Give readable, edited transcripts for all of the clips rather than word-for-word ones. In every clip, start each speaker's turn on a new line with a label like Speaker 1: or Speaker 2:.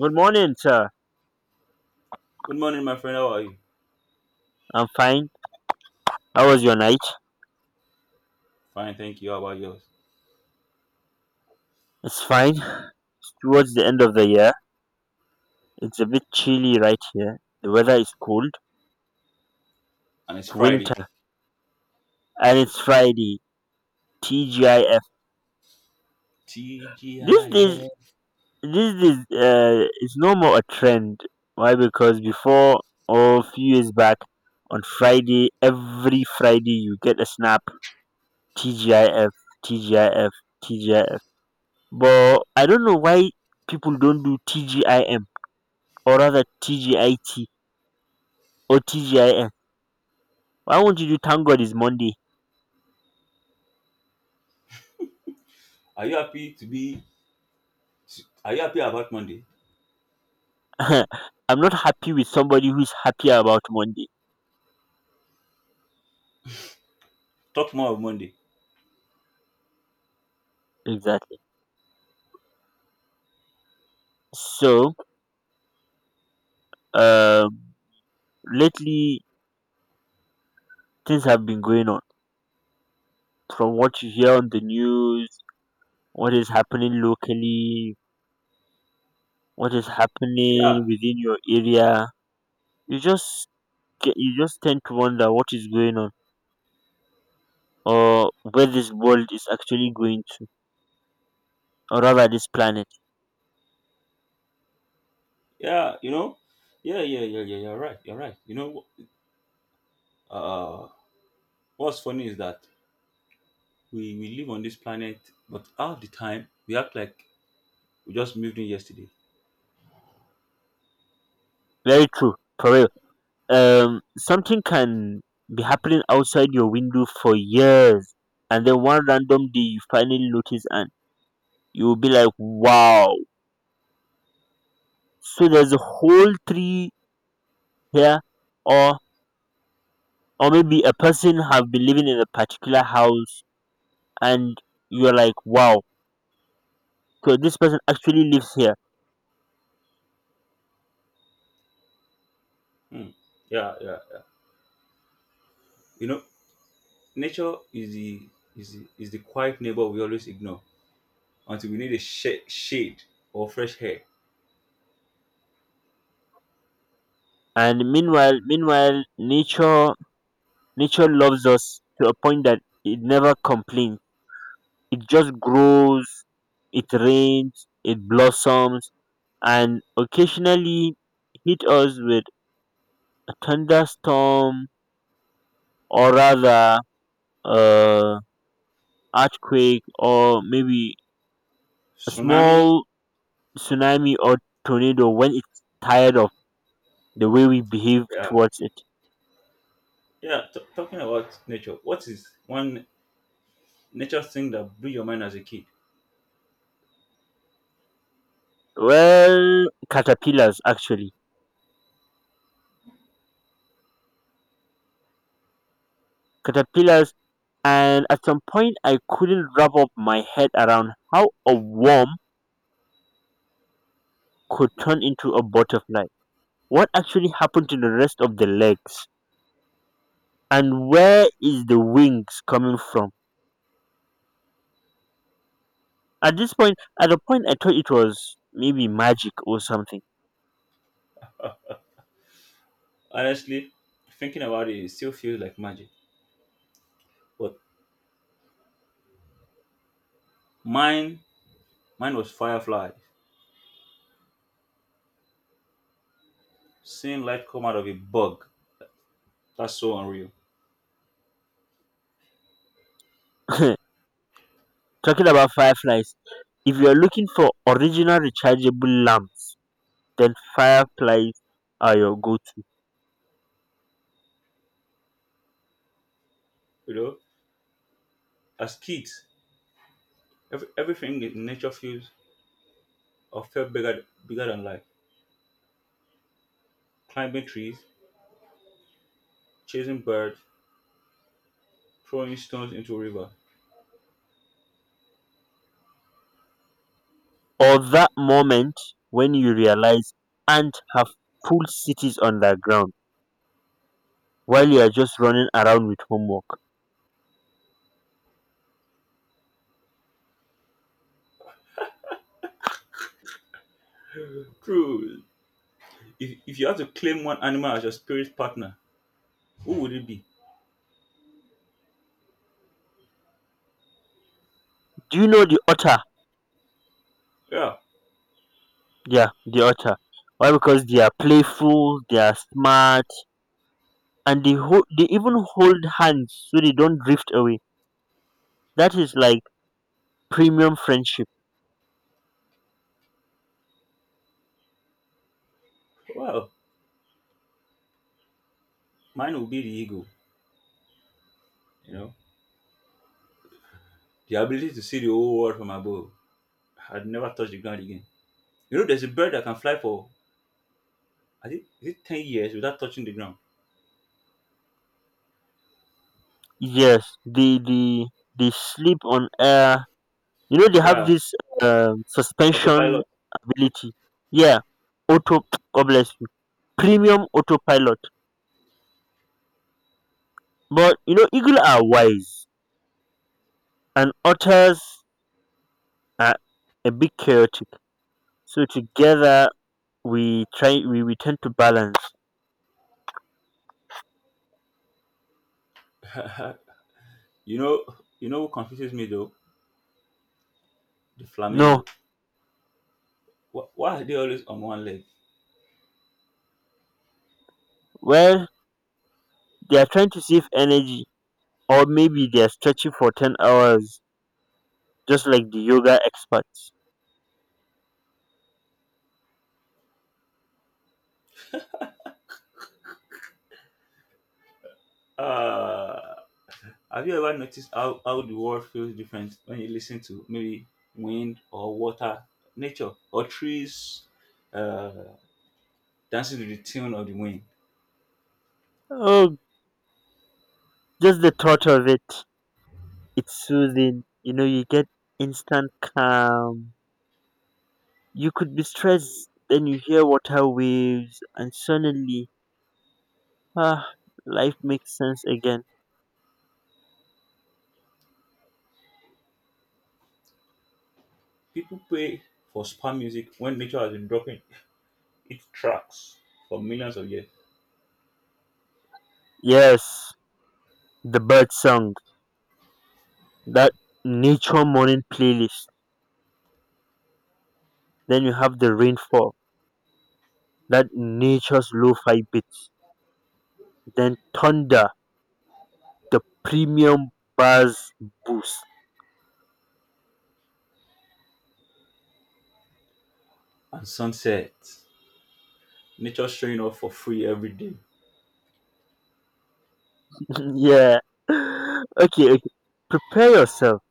Speaker 1: Good morning, sir.
Speaker 2: Good morning, my friend. How are you?
Speaker 1: I'm fine. How was your night?
Speaker 2: Fine, thank you. How about yours?
Speaker 1: It's fine. Towards the end of the year, it's a bit chilly right here. The weather is cold.
Speaker 2: And it's
Speaker 1: It's winter,
Speaker 2: Friday.
Speaker 1: and it's Friday. TGIF. These days,
Speaker 2: TGIF.
Speaker 1: these days, it's no more a trend. Why? Because before, or a few years back, on Friday, every Friday, you get a snap. TGIF, TGIF, TGIF. But I don't know why people don't do TGIM or rather TGIT or TGIF. Why won't you do thank God is Monday?
Speaker 2: Are you happy to be? Are you happy about Monday?
Speaker 1: I'm not happy with somebody who's happy about Monday.
Speaker 2: Talk more of Monday.
Speaker 1: Exactly. So, um, lately things have been going on. From what you hear on the news, what is happening locally, what is
Speaker 2: Yeah,
Speaker 1: happening within your area, you just you just tend to wonder what is going on, or where this world is actually going to, or rather this planet.
Speaker 2: yeah. You know, yeah, yeah, yeah, yeah. You're right. You're right. You know, uh, what's funny is that we live on this planet, but all the time we act like we just moved in yesterday.
Speaker 1: Very true, for real. Something can be happening outside your window for years, and then one random day you finally notice and you'll be like, wow, so there's a whole tree here, or or maybe a person have been living in a particular house, and you're like, wow, so this person actually lives here.
Speaker 2: Hmm. Yeah, yeah. You know, nature is the is the, is the quiet neighbor we always ignore until we need a shade or fresh air.
Speaker 1: And meanwhile nature loves us to a point that it never complains. It just grows, it rains, it blossoms, and occasionally hit us with a thunderstorm, or rather uh, earthquake, or maybe a
Speaker 2: Tsunami.
Speaker 1: small tsunami or tornado when it's tired of the way we behave
Speaker 2: Yeah.
Speaker 1: towards it.
Speaker 2: Yeah. Talking about nature, what is one nature thing that blew your mind as a kid?
Speaker 1: Well, caterpillars actually. Caterpillars, and at some point I couldn't wrap up my head around how a worm could turn into a butterfly. What actually happened to the rest of the legs? And where is the wings coming from? At the point I thought it was maybe magic or something.
Speaker 2: Honestly, thinking about it, it still feels like magic. But mine, mine was fireflies. Seeing light come out of a bug. That's so unreal.
Speaker 1: Talking about fireflies, if you are looking for original rechargeable lamps, then fireflies are your go-to.
Speaker 2: You know, as kids, everything in nature feels or felt bigger, bigger than life. Climbing trees, chasing birds, throwing stones into a river.
Speaker 1: Or that moment when you realize ants have full cities underground while you are just running around with homework.
Speaker 2: True. If you had to claim one animal as your spirit partner, who would it be?
Speaker 1: Do you know the otter?
Speaker 2: Yeah,
Speaker 1: Yeah, the otter. Why? Because they are playful, they are smart, and they even hold hands so they don't drift away. That is like premium friendship.
Speaker 2: well, mine will be the eagle, you know. The ability to see the whole world from above. I'd never touch the ground again. You know, there's a bird that can fly for, I think, is it 10 years without touching the ground?
Speaker 1: Yes, they sleep on air. You know they have
Speaker 2: Yeah,
Speaker 1: this suspension
Speaker 2: autopilot.
Speaker 1: ability. Yeah, auto. God bless you. Premium autopilot. But you know eagle are wise, and otters are a bit chaotic. So together we tend to balance.
Speaker 2: you know, you know what confuses me though? The flamingo.
Speaker 1: No,
Speaker 2: Why are they always on one leg?
Speaker 1: well, they're trying to save energy, or maybe they're stretching for 10 hours, just like the yoga experts.
Speaker 2: Uh, have you ever noticed how the world feels different when you listen to maybe wind or water, nature, or trees uh, dancing to the tune of the wind?
Speaker 1: Oh, just the thought of it, it's soothing. You know, you get instant calm. You could be stressed, then you hear water waves, and suddenly, ah, life makes sense again.
Speaker 2: People pay for spa music when nature has been dropping its tracks for millions of years.
Speaker 1: Yes, the bird song, that nature morning playlist. Then you have the rainfall, that nature's lo fi beats. Then thunder, the premium buzz boost.
Speaker 2: And sunsets. Nature showing up for free every day.
Speaker 1: Yeah. Okay, okay. Prepare yourself.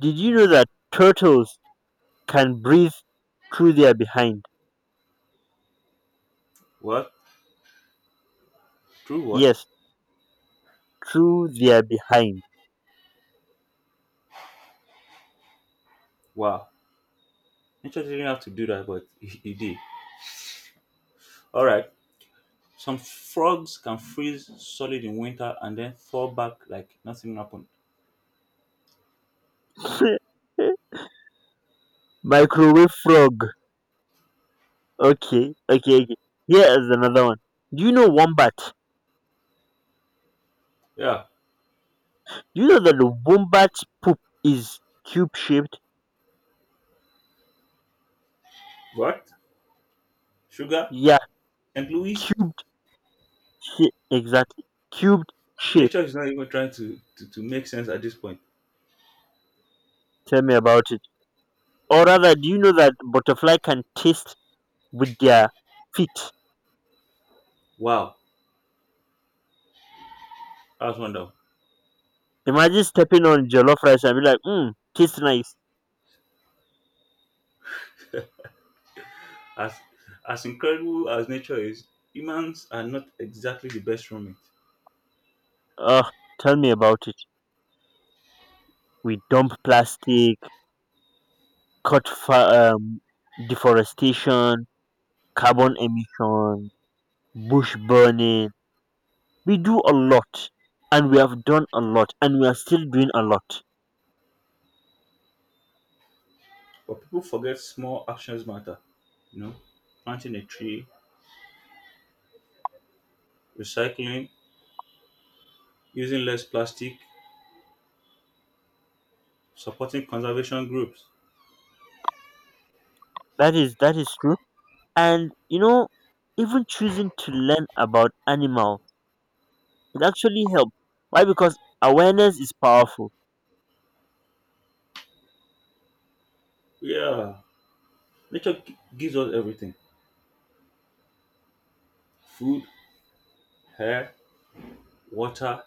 Speaker 1: Did you know that turtles can breathe through their behind?
Speaker 2: What? True what?
Speaker 1: Yes, through their behind.
Speaker 2: Wow. Nature didn't have to do that, but it did. Alright. Some frogs can freeze solid in winter and then fall back like nothing happened.
Speaker 1: Microwave frog. Okay, okay, okay. Here is another one. Do you know wombat? Do
Speaker 2: Yeah.
Speaker 1: you know that the wombat poop is cube shaped?
Speaker 2: What? Sugar?
Speaker 1: Yeah,
Speaker 2: And Louis?
Speaker 1: cubed shape. Exactly. Cubed shape.
Speaker 2: Nature is not even trying to make sense at this point.
Speaker 1: Tell me about it. Or rather, do you know that butterfly can taste with their feet?
Speaker 2: Wow. That's wonderful.
Speaker 1: Imagine stepping on jollof rice and be like, "Mmm, tastes nice."
Speaker 2: As as incredible as nature is, humans are not exactly the best from.
Speaker 1: Ugh, tell me about it. We dump plastic, cut fa- um, deforestation, carbon emission, bush burning. We do a lot, and we have done a lot, and we are still doing a lot.
Speaker 2: But people forget small actions matter. You know, planting a tree, recycling, using less plastic, supporting conservation groups.
Speaker 1: That is true. And you know, even choosing to learn about animal, it actually helps. Why? Because awareness is powerful.
Speaker 2: Yeah, nature gives us everything: food, air, water,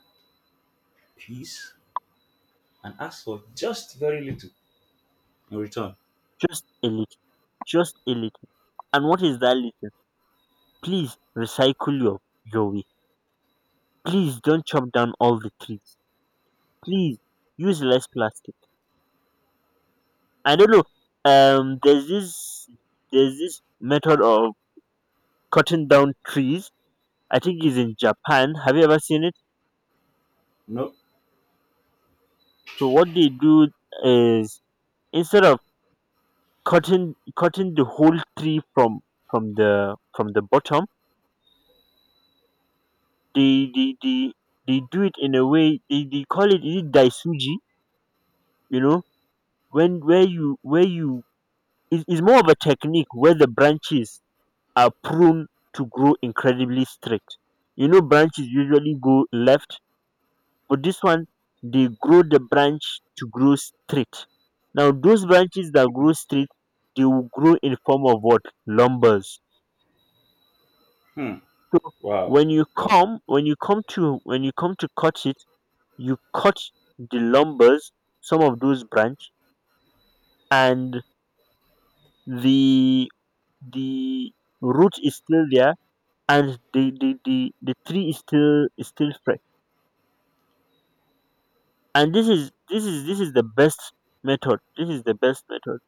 Speaker 2: peace, and asks for just very little in return.
Speaker 1: Just a little, just a little. And what is that little? Please recycle your way. Please don't chop down all the trees. Please use less plastic. I don't know. There's this method of cutting down trees. I think it's in Japan. Have you ever seen it?
Speaker 2: No.
Speaker 1: So what they do is, instead of cutting the whole tree from the bottom, they they they they do it in a way, they call it, is it daisuji, you know, when where you it's more of a technique where the branches are prone to grow incredibly straight. You know, branches usually go left, but this one, they grow the branch to grow straight. Now those branches that grow straight, they will grow in form of what lumbers.
Speaker 2: Hmm.
Speaker 1: So
Speaker 2: Wow. Wow.
Speaker 1: when you come to cut it, you cut the lumbers, some of those branch, and the the root is still there, and the tree is still fresh. And this is the best method. This is the best method.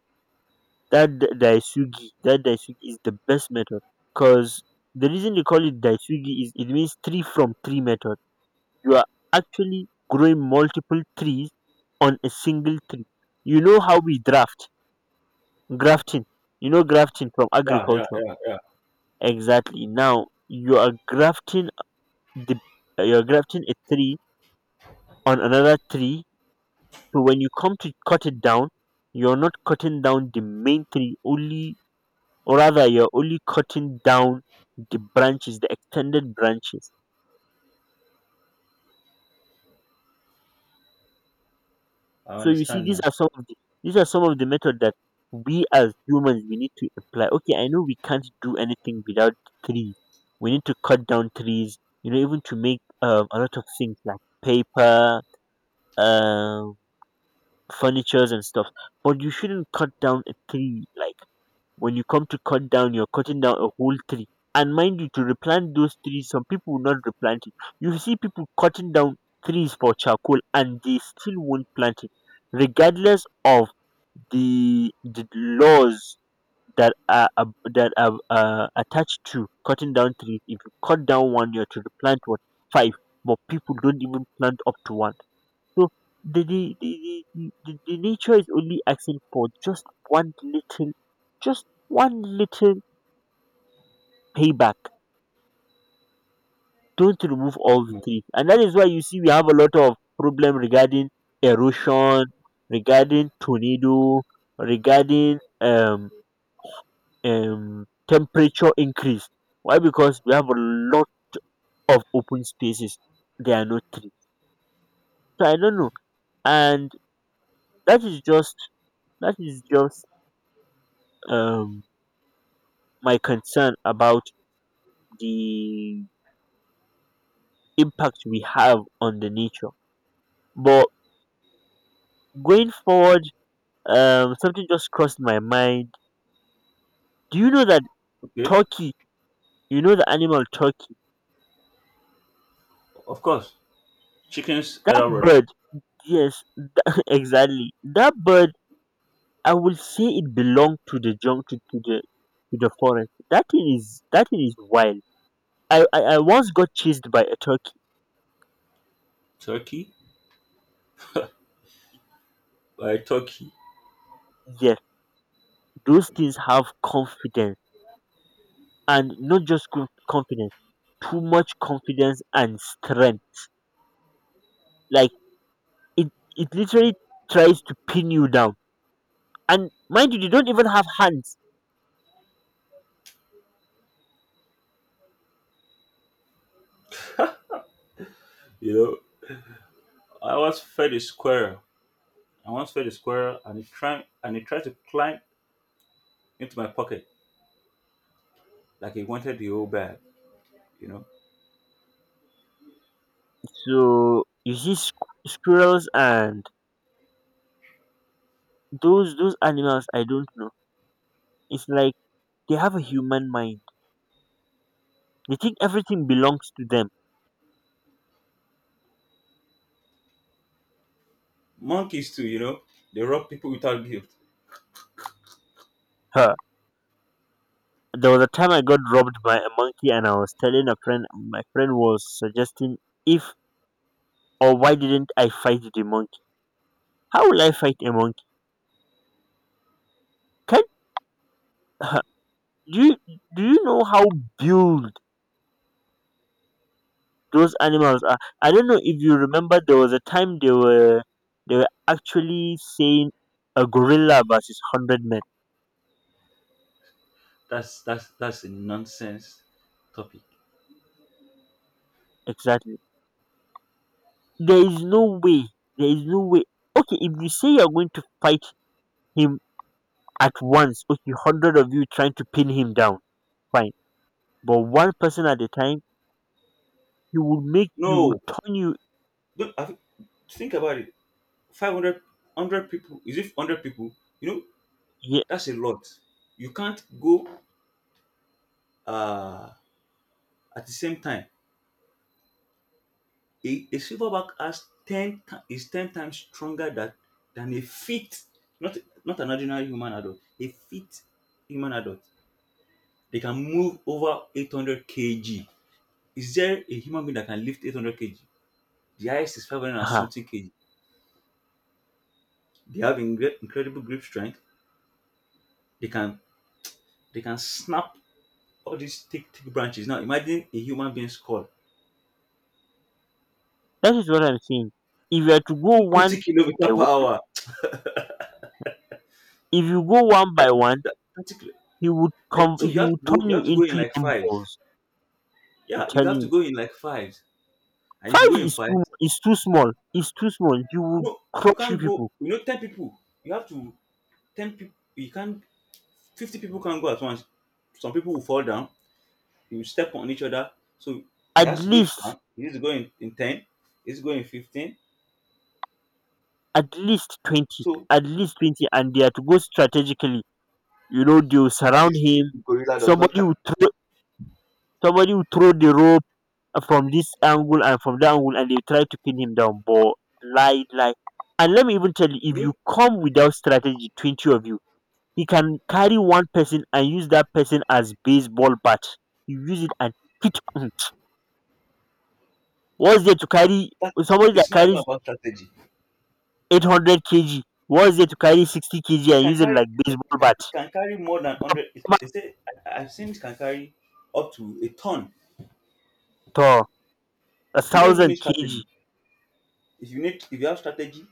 Speaker 1: That daisugi is the best method, because the reason they call it daisugi is it means tree from tree method. You are actually growing multiple trees on a single tree. You know how we draft grafting, grafting from
Speaker 2: Yeah. Yeah.
Speaker 1: agriculture.
Speaker 2: Yeah. Yeah.
Speaker 1: Exactly. Now you are grafting the you're grafting a tree on another tree. So when you come to cut it down, you're not cutting down the main tree only, or rather you're only cutting down the extended branches.
Speaker 2: I
Speaker 1: So you see,
Speaker 2: understand now.
Speaker 1: these are some of the method that we as humans we need to apply. Okay, I know we can't do anything without trees. We need to cut down trees, you know, even to make a lot of things like paper, um, furnitures and stuff. But you shouldn't cut down a tree. Like, when you come to cut down, you're cutting down a whole tree. And mind you, to replant those trees, some people will not replant it. You see people cutting down trees for charcoal, and they still won't plant it, regardless of the laws that are attached to cutting down trees. If you cut down one, you are to plant what, five, but people don't even plant up to one. So the nature is only asking for just one little payback. Don't remove all the
Speaker 2: Hmm.
Speaker 1: trees, and that is why you see we have a lot of problem regarding erosion, regarding tornado, regarding temperature increase. Why? Because we have a lot of open spaces. There are no trees. So I don't know. And that is just that is just um, my concern about the impact we have on the nature. But going forward, something just crossed my mind. Do you know that
Speaker 2: Okay.
Speaker 1: turkey? You know, the animal turkey.
Speaker 2: Of course, chickens
Speaker 1: That
Speaker 2: elder brother.
Speaker 1: bird. Yes, exactly. That bird, I will say it belonged to the jungle, to the forest. That thing is wild. I once got chased by a turkey.
Speaker 2: Turkey? By turkey.
Speaker 1: Yes, those things have confidence, and not just confidence, too much confidence and strength. Like, it it literally tries to pin you down. And mind you, they don't even have hands.
Speaker 2: You know, I once fed a squirrel. I once fed a squirrel and it tried to climb into my pocket like it wanted the whole bag, you know.
Speaker 1: So you see squirrels and those animals. I don't know. It's like they have a human mind. They think everything belongs to them.
Speaker 2: Monkeys too, they rob people without guilt.
Speaker 1: Huh. There was a time I got robbed by a monkey, and I was telling a friend, and my friend was suggesting, if or why didn't I fight the monkey? How will I fight a monkey? Can huh. do you do you know how built those animals are? I don't know if you remember. There was a time they were actually saying a gorilla versus 100 men.
Speaker 2: That's a nonsense topic.
Speaker 1: Exactly. There is no way. There is no way. Okay, if you say you're going to fight him at once, okay, 100 of you trying to pin him down, fine. But one person at a time, he will make you will
Speaker 2: No,
Speaker 1: turn you
Speaker 2: look, I think about it. 500, people. Is it 100 people? You know,
Speaker 1: Yeah.
Speaker 2: that's a lot. You can't go uh, at the same time. A silverback has is 10 times stronger than a fit, not, not an ordinary human adult, a fit human adult. They can move over 800 kg. Is there a human being that can lift 800 kg? The highest is 500 and
Speaker 1: uh
Speaker 2: something kg. They have incredible grip strength. They can they can snap all these thick, thick branches. Now imagine a human being's skull.
Speaker 1: That is what I'm saying. If you are to go one
Speaker 2: 220 kilometer
Speaker 1: by
Speaker 2: per
Speaker 1: one,
Speaker 2: hour.
Speaker 1: If you go one by one,
Speaker 2: That- 30 kilo-
Speaker 1: he would
Speaker 2: that-
Speaker 1: come.
Speaker 2: So
Speaker 1: He
Speaker 2: you have to
Speaker 1: will
Speaker 2: go
Speaker 1: turn
Speaker 2: you
Speaker 1: you
Speaker 2: have to go in
Speaker 1: into
Speaker 2: like
Speaker 1: young
Speaker 2: fives.
Speaker 1: balls. I'm
Speaker 2: Yeah, you
Speaker 1: telling
Speaker 2: have to
Speaker 1: you,
Speaker 2: go in like fives. And if you go
Speaker 1: five
Speaker 2: in
Speaker 1: is
Speaker 2: five,
Speaker 1: too It's too small. It's too small. You will
Speaker 2: no, you
Speaker 1: crush you
Speaker 2: can't go.
Speaker 1: people.
Speaker 2: You know, 10 people. You have to 10 people. You can't. 50 people can't go at once. Some people will fall down. You step on each other. So
Speaker 1: At
Speaker 2: there has to be a
Speaker 1: least
Speaker 2: plan. You need to go in ten. It's going in 15.
Speaker 1: at least 20.
Speaker 2: So
Speaker 1: At least 20, and they are to go strategically. You know, they will
Speaker 2: that
Speaker 1: surround
Speaker 2: is if
Speaker 1: him.
Speaker 2: the gorilla does not.
Speaker 1: Somebody will throw somebody will throw the rope from this angle and from that angle, and they try to pin him down. But, lie lie, and let me even tell you, if
Speaker 2: You know
Speaker 1: you come without strategy, 20 of you, he can carry one person and use that person as baseball bat. You use it and hit, what's there to carry
Speaker 2: that
Speaker 1: somebody that
Speaker 2: it's not even
Speaker 1: carries
Speaker 2: about strategy.
Speaker 1: 800 kg? What's there to carry 60 kg
Speaker 2: It
Speaker 1: and
Speaker 2: can
Speaker 1: use it
Speaker 2: carry.
Speaker 1: like
Speaker 2: It can, it
Speaker 1: baseball
Speaker 2: can
Speaker 1: bat?
Speaker 2: it can carry more than 100.
Speaker 1: Come
Speaker 2: They
Speaker 1: on,
Speaker 2: say I've seen it can carry up to a ton.
Speaker 1: Thor, a
Speaker 2: You don't even need
Speaker 1: thousand
Speaker 2: strategy.
Speaker 1: kg
Speaker 2: If you have strategy,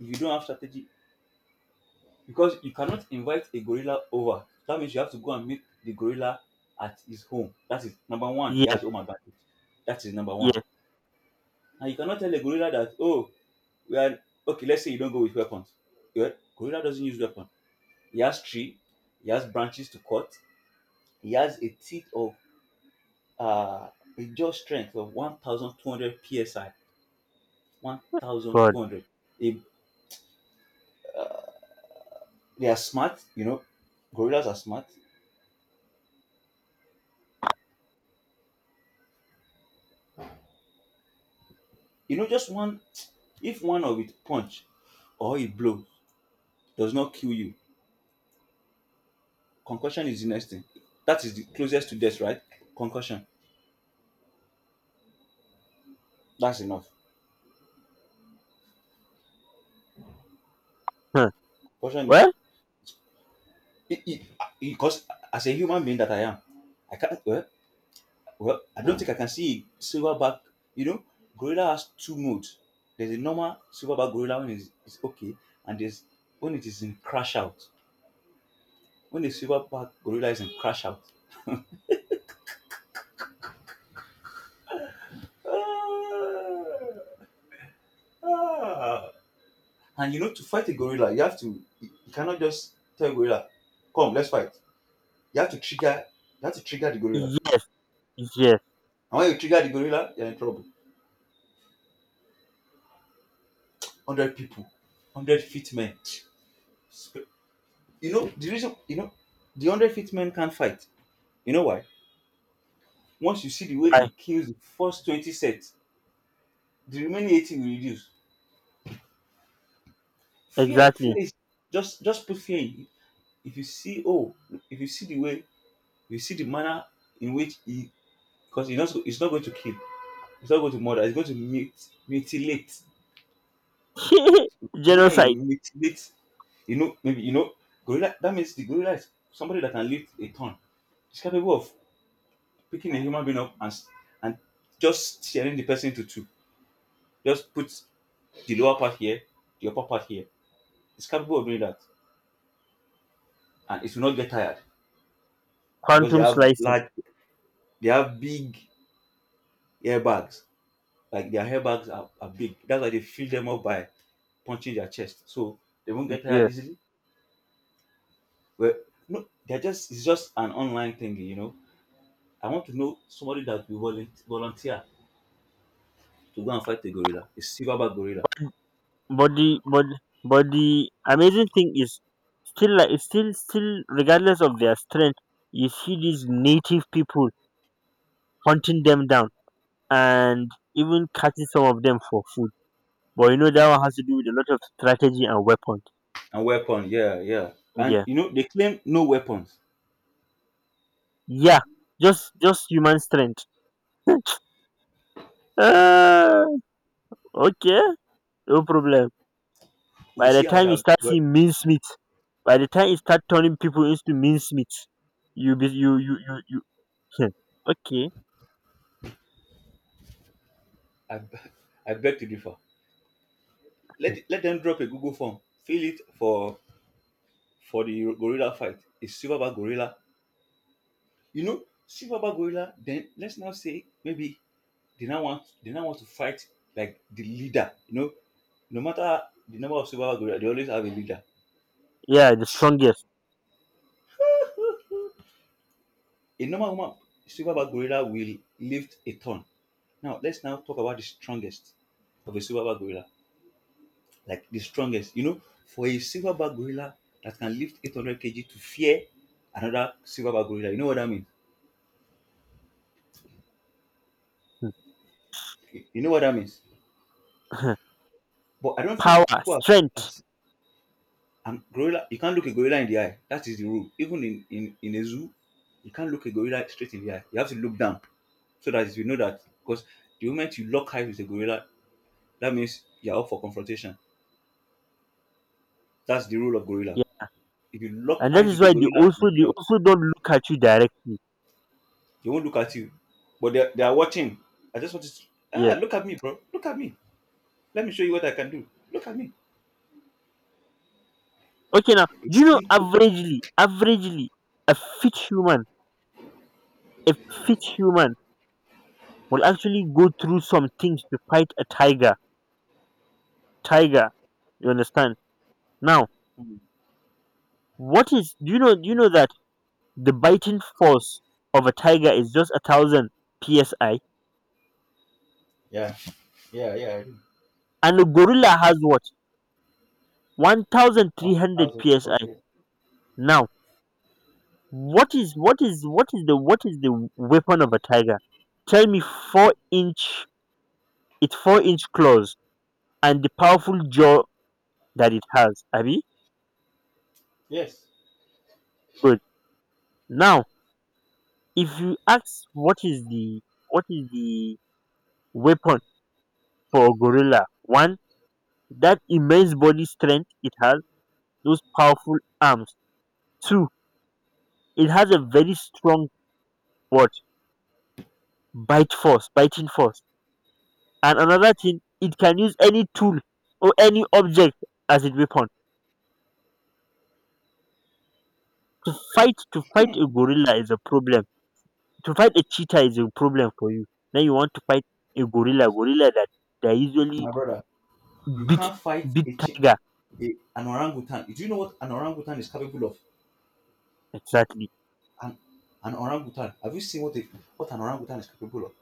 Speaker 2: if you don't have strategy, because you cannot invite a gorilla over. That means you have to go and meet the gorilla at his home. That is number one. He has
Speaker 1: Yes,
Speaker 2: home advantage. That is number one.
Speaker 1: yes,
Speaker 2: And you cannot tell a gorilla that, oh, we are, okay, let's say you don't go with weapons. Yeah, gorilla doesn't use weapon. He has tree. He has branches to cut. He has a teeth of uh a jaw strength of 1200 psi.
Speaker 1: but
Speaker 2: 1200. They they are smart, you know. Gorillas are smart. You know, just one, if one of it punch or a blow does not kill you, concussion is the next thing. That is the closest to death, right? Concussion. That's enough.
Speaker 1: huh.
Speaker 2: Concussion is
Speaker 1: Well,
Speaker 2: it, it, because as a human being that I am, I can't. Well, I don't think I can see a silverback. You know, gorilla has two modes. There's a normal silverback gorilla when it's okay, and there's when it is in crash out. When the silverback gorilla is in crash out. Ah, ah. And you know, to fight a gorilla, you have to you cannot just tell a gorilla, come, let's fight. You have to trigger you have to trigger the gorilla.
Speaker 1: yes, yes.
Speaker 2: And when you trigger the gorilla, you're in trouble. 100 people, 100 fit men. So, you know, the reason the 100 fit men can't fight. You know why? Once you see the way
Speaker 1: I,
Speaker 2: it kills the first 20 sets, the remaining 80 will reduce. Fear
Speaker 1: exactly.
Speaker 2: is just put fear in. If you see, oh, if you see the way, if you see the manner in which he, because he's not going to kill. It's not going to murder. It's going to mutilate. The manner it
Speaker 1: Genocide.
Speaker 2: mutilates, maybe gorilla. That means the gorilla is somebody that can lift a ton. It's capable of picking a human being up and and just tearing the person into two. Just put the lower part here, the upper part here. It's capable of doing that, and it will not get tired because
Speaker 1: Quantum slicing.
Speaker 2: they have big airbags. Like their airbags are big. That's why they fill them up by punching their chest, so they won't get tired
Speaker 1: Yeah,
Speaker 2: easily. Well, no, they're just it's just an online thing. I want to know somebody that will volunteer to go and fight a gorilla, a silverback gorilla,
Speaker 1: body, body, body. Amazing thing is, still, like, it's still regardless of their strength, you see these native people hunting them down, and even catching some of them for food. But you know that one has to do with a lot of strategy and weapons.
Speaker 2: and weapon. Yeah, yeah. And
Speaker 1: Yeah,
Speaker 2: you know they claim no weapons.
Speaker 1: yeah, just human strength. Ah, okay, no problem.
Speaker 2: We'll
Speaker 1: by
Speaker 2: see
Speaker 1: the
Speaker 2: how
Speaker 1: time you
Speaker 2: that.
Speaker 1: start
Speaker 2: Well,
Speaker 1: seeing mincemeat, by the time you start turning people into mincemeat, you be you you you, you Hmm. Okay.
Speaker 2: I, b- I beg to differ.
Speaker 1: Hmm.
Speaker 2: Let them drop a Google form, fill it for the gorilla fight. A silverback gorilla. You know, silverback gorilla. Then let's now say maybe they now want to fight like the leader. You know, no matter the number of silverback gorilla, they always have a leader.
Speaker 1: Yeah, the strongest.
Speaker 2: A normal woman silverback gorilla will lift a ton. Now let's now talk about the strongest of a silverback gorilla. Like the strongest, you know, for a silverback gorilla that can lift 800 kg to fear another silverback gorilla. You know what that means?
Speaker 1: Hmm.
Speaker 2: You know what that means? But I don't
Speaker 1: Power
Speaker 2: think people have,
Speaker 1: strength.
Speaker 2: have And gorilla, you can't look a gorilla in the eye. That is the rule. Even in a zoo, you can't look a gorilla straight in the eye. You have to look down so that you know that. Because the moment you lock eyes with a gorilla, that means you're up for confrontation. That's the rule of gorilla.
Speaker 1: Yeah.
Speaker 2: If you lock
Speaker 1: And that
Speaker 2: eyes
Speaker 1: is
Speaker 2: with a
Speaker 1: why they
Speaker 2: gorilla,
Speaker 1: also
Speaker 2: you're in
Speaker 1: they
Speaker 2: trouble.
Speaker 1: also don't look at you directly.
Speaker 2: They won't look at you, but they are watching. I just want to
Speaker 1: Yeah.
Speaker 2: look at me, bro. Look at me. Let me show you what I can do. Look at me.
Speaker 1: Okay, now do you
Speaker 2: It's
Speaker 1: know,
Speaker 2: simple.
Speaker 1: averagely, a fit human a fit human will actually go through some things to fight a tiger. Tiger, you understand? Now,
Speaker 2: Mm.
Speaker 1: what is do you know that the biting force of a tiger is just 1,000 psi,
Speaker 2: Yeah, yeah, yeah. I do.
Speaker 1: and a gorilla has what, one thousand
Speaker 2: One
Speaker 1: three hundred
Speaker 2: thousand.
Speaker 1: psi.
Speaker 2: Okay.
Speaker 1: Now, what is the weapon of a tiger? Tell me. Four inch Its four inch claws and the powerful jaw that it has. Abi,
Speaker 2: Yes,
Speaker 1: good. Now, if you ask, what is the what is the weapon for a gorilla? One, that immense body strength it has, those powerful arms. Two, it has a very strong what bite force biting force. And another thing, it can use any tool or any object as a weapon. Fight To fight a gorilla is a problem. To fight a cheetah is a problem for you. Then you want to fight a gorilla, that they usually
Speaker 2: my brother. You
Speaker 1: big
Speaker 2: can't fight
Speaker 1: big tiger.
Speaker 2: an orangutan. Do you know what an orangutan is capable of?
Speaker 1: Exactly,
Speaker 2: An, an orangutan. Have you seen what an orangutan is capable of?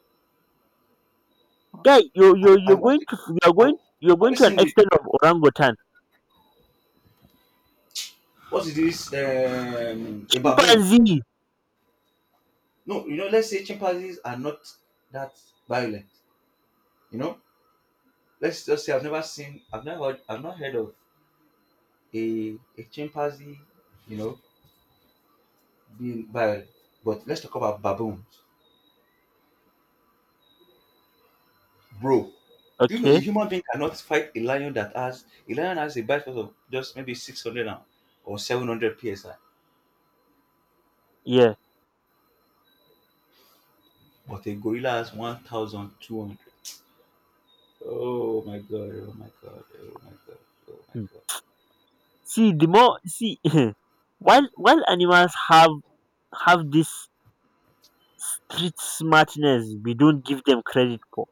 Speaker 1: guy,
Speaker 2: I watched it.
Speaker 1: you're
Speaker 2: Have
Speaker 1: going
Speaker 2: you
Speaker 1: to an
Speaker 2: seen the
Speaker 1: extent of orangutan,
Speaker 2: what is this? A baboon?
Speaker 1: chimpanzee.
Speaker 2: No, you know. Let's say chimpanzees are not that violent. You know. Let's just say I've never seen. I've not heard of a chimpanzee. You know, being violent. But let's talk about baboons. Bro, do you know a
Speaker 1: Okay.
Speaker 2: human being cannot fight a lion that has a bite force of just maybe 600 and- or 700 psi,
Speaker 1: Yeah.
Speaker 2: but a gorilla has 1200. Oh my god, oh my god, oh my god, oh my
Speaker 1: Hmm.
Speaker 2: god.
Speaker 1: see the more See. While animals have this street smartness, we don't give them credit for.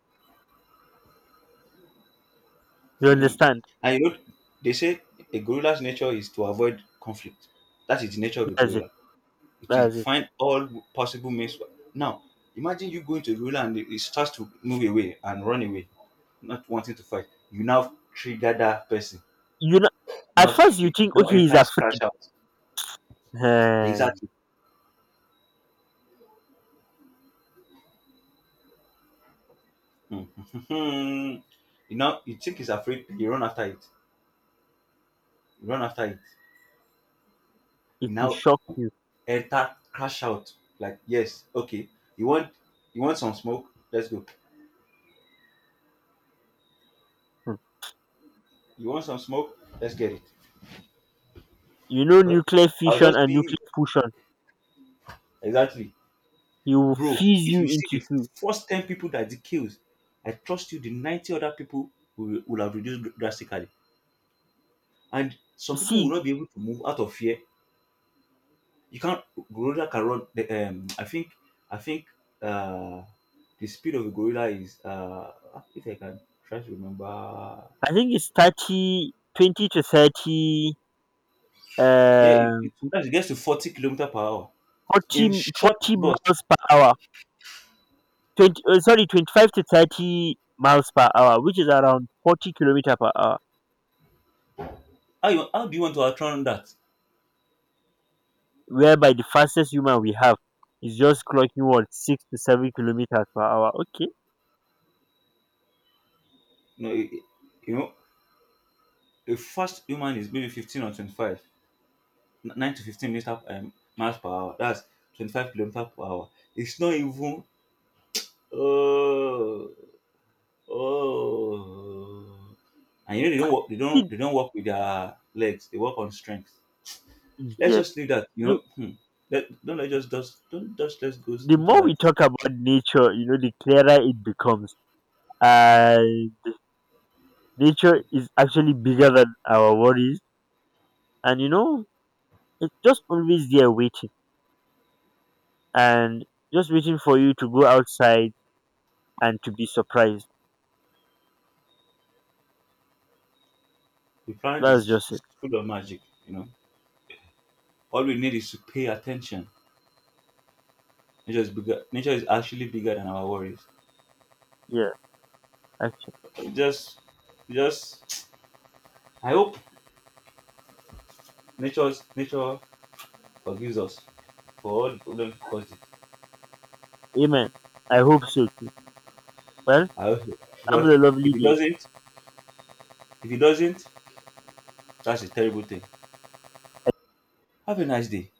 Speaker 1: You
Speaker 2: Hmm.
Speaker 1: understand?
Speaker 2: And you know, they say a gorilla's nature is to avoid conflict. That is the nature of a
Speaker 1: That's it.
Speaker 2: gorilla. It will
Speaker 1: That's it.
Speaker 2: find all possible means. Now, imagine you going to a gorilla and it starts to move away and run away, not wanting to fight. You now trigger that person.
Speaker 1: You know, at
Speaker 2: Not
Speaker 1: first you
Speaker 2: it
Speaker 1: think,
Speaker 2: now
Speaker 1: okay, he's
Speaker 2: enters
Speaker 1: afraid.
Speaker 2: crash out.
Speaker 1: Eh,
Speaker 2: Exactly. Mm. you know, you think he's afraid, you run after it. You run after it.
Speaker 1: it
Speaker 2: You
Speaker 1: will
Speaker 2: now
Speaker 1: shock you.
Speaker 2: enter crash out. Like, yes, okay. You want you want some smoke? Let's go.
Speaker 1: Hmm.
Speaker 2: You want some smoke? Let's get it.
Speaker 1: You know,
Speaker 2: Well,
Speaker 1: nuclear
Speaker 2: I'll
Speaker 1: fission
Speaker 2: just
Speaker 1: and
Speaker 2: be
Speaker 1: nuclear fusion.
Speaker 2: exactly.
Speaker 1: He will
Speaker 2: Bro,
Speaker 1: fuse
Speaker 2: if
Speaker 1: you
Speaker 2: you see
Speaker 1: into
Speaker 2: the
Speaker 1: two.
Speaker 2: first 10 people that he kills, I trust you the 90 other people will have reduced drastically. And some people will
Speaker 1: See,
Speaker 2: not be able to move out of fear. You can't. Gorilla can run. The, I think. I think. Uh, the speed of a gorilla is. If I can try to remember.
Speaker 1: I think it's 30, 20 to 30,
Speaker 2: Yeah, it,
Speaker 1: uh,
Speaker 2: it sometimes it gets to 40 kilometer per hour
Speaker 1: 40,
Speaker 2: in short
Speaker 1: forty
Speaker 2: bursts.
Speaker 1: miles per hour. 20, sorry, 25 to 30 miles per hour, which is around 40 kilometer per hour.
Speaker 2: How do you want to outrun that?
Speaker 1: Whereby the fastest human we have is just clocking what, 6 to 7 kilometers per hour. Okay.
Speaker 2: No, you know, a fast human is maybe 15 or 25, 9 to 15 meter miles per hour. That's 25 kilometer per hour. It's not even. Uh, Oh. And you know they don't work. They don't.
Speaker 1: See,
Speaker 2: They don't work with their legs. They work on strength. Let's
Speaker 1: yes.
Speaker 2: just leave that. You know.
Speaker 1: Look,
Speaker 2: Hmm. Let, don't let just don't just let's go
Speaker 1: the
Speaker 2: into
Speaker 1: more we
Speaker 2: that.
Speaker 1: talk about nature, you know, the clearer it becomes. And nature is actually bigger than our worries, and you know, it's just always there waiting, and just waiting for you to go outside and to be surprised.
Speaker 2: The planet
Speaker 1: That's
Speaker 2: is,
Speaker 1: just it.
Speaker 2: is full of magic. You know. All we need is to pay attention. Nature is bigger. Nature is actually bigger than our worries.
Speaker 1: Yeah, actually.
Speaker 2: Just, just. I hope nature forgives us for all the problems we caused it.
Speaker 1: Amen. I hope so too. Well,
Speaker 2: I hope so.
Speaker 1: have
Speaker 2: Because
Speaker 1: a lovely
Speaker 2: if it
Speaker 1: day.
Speaker 2: doesn't, if it doesn't, that's a terrible thing. Have a nice day.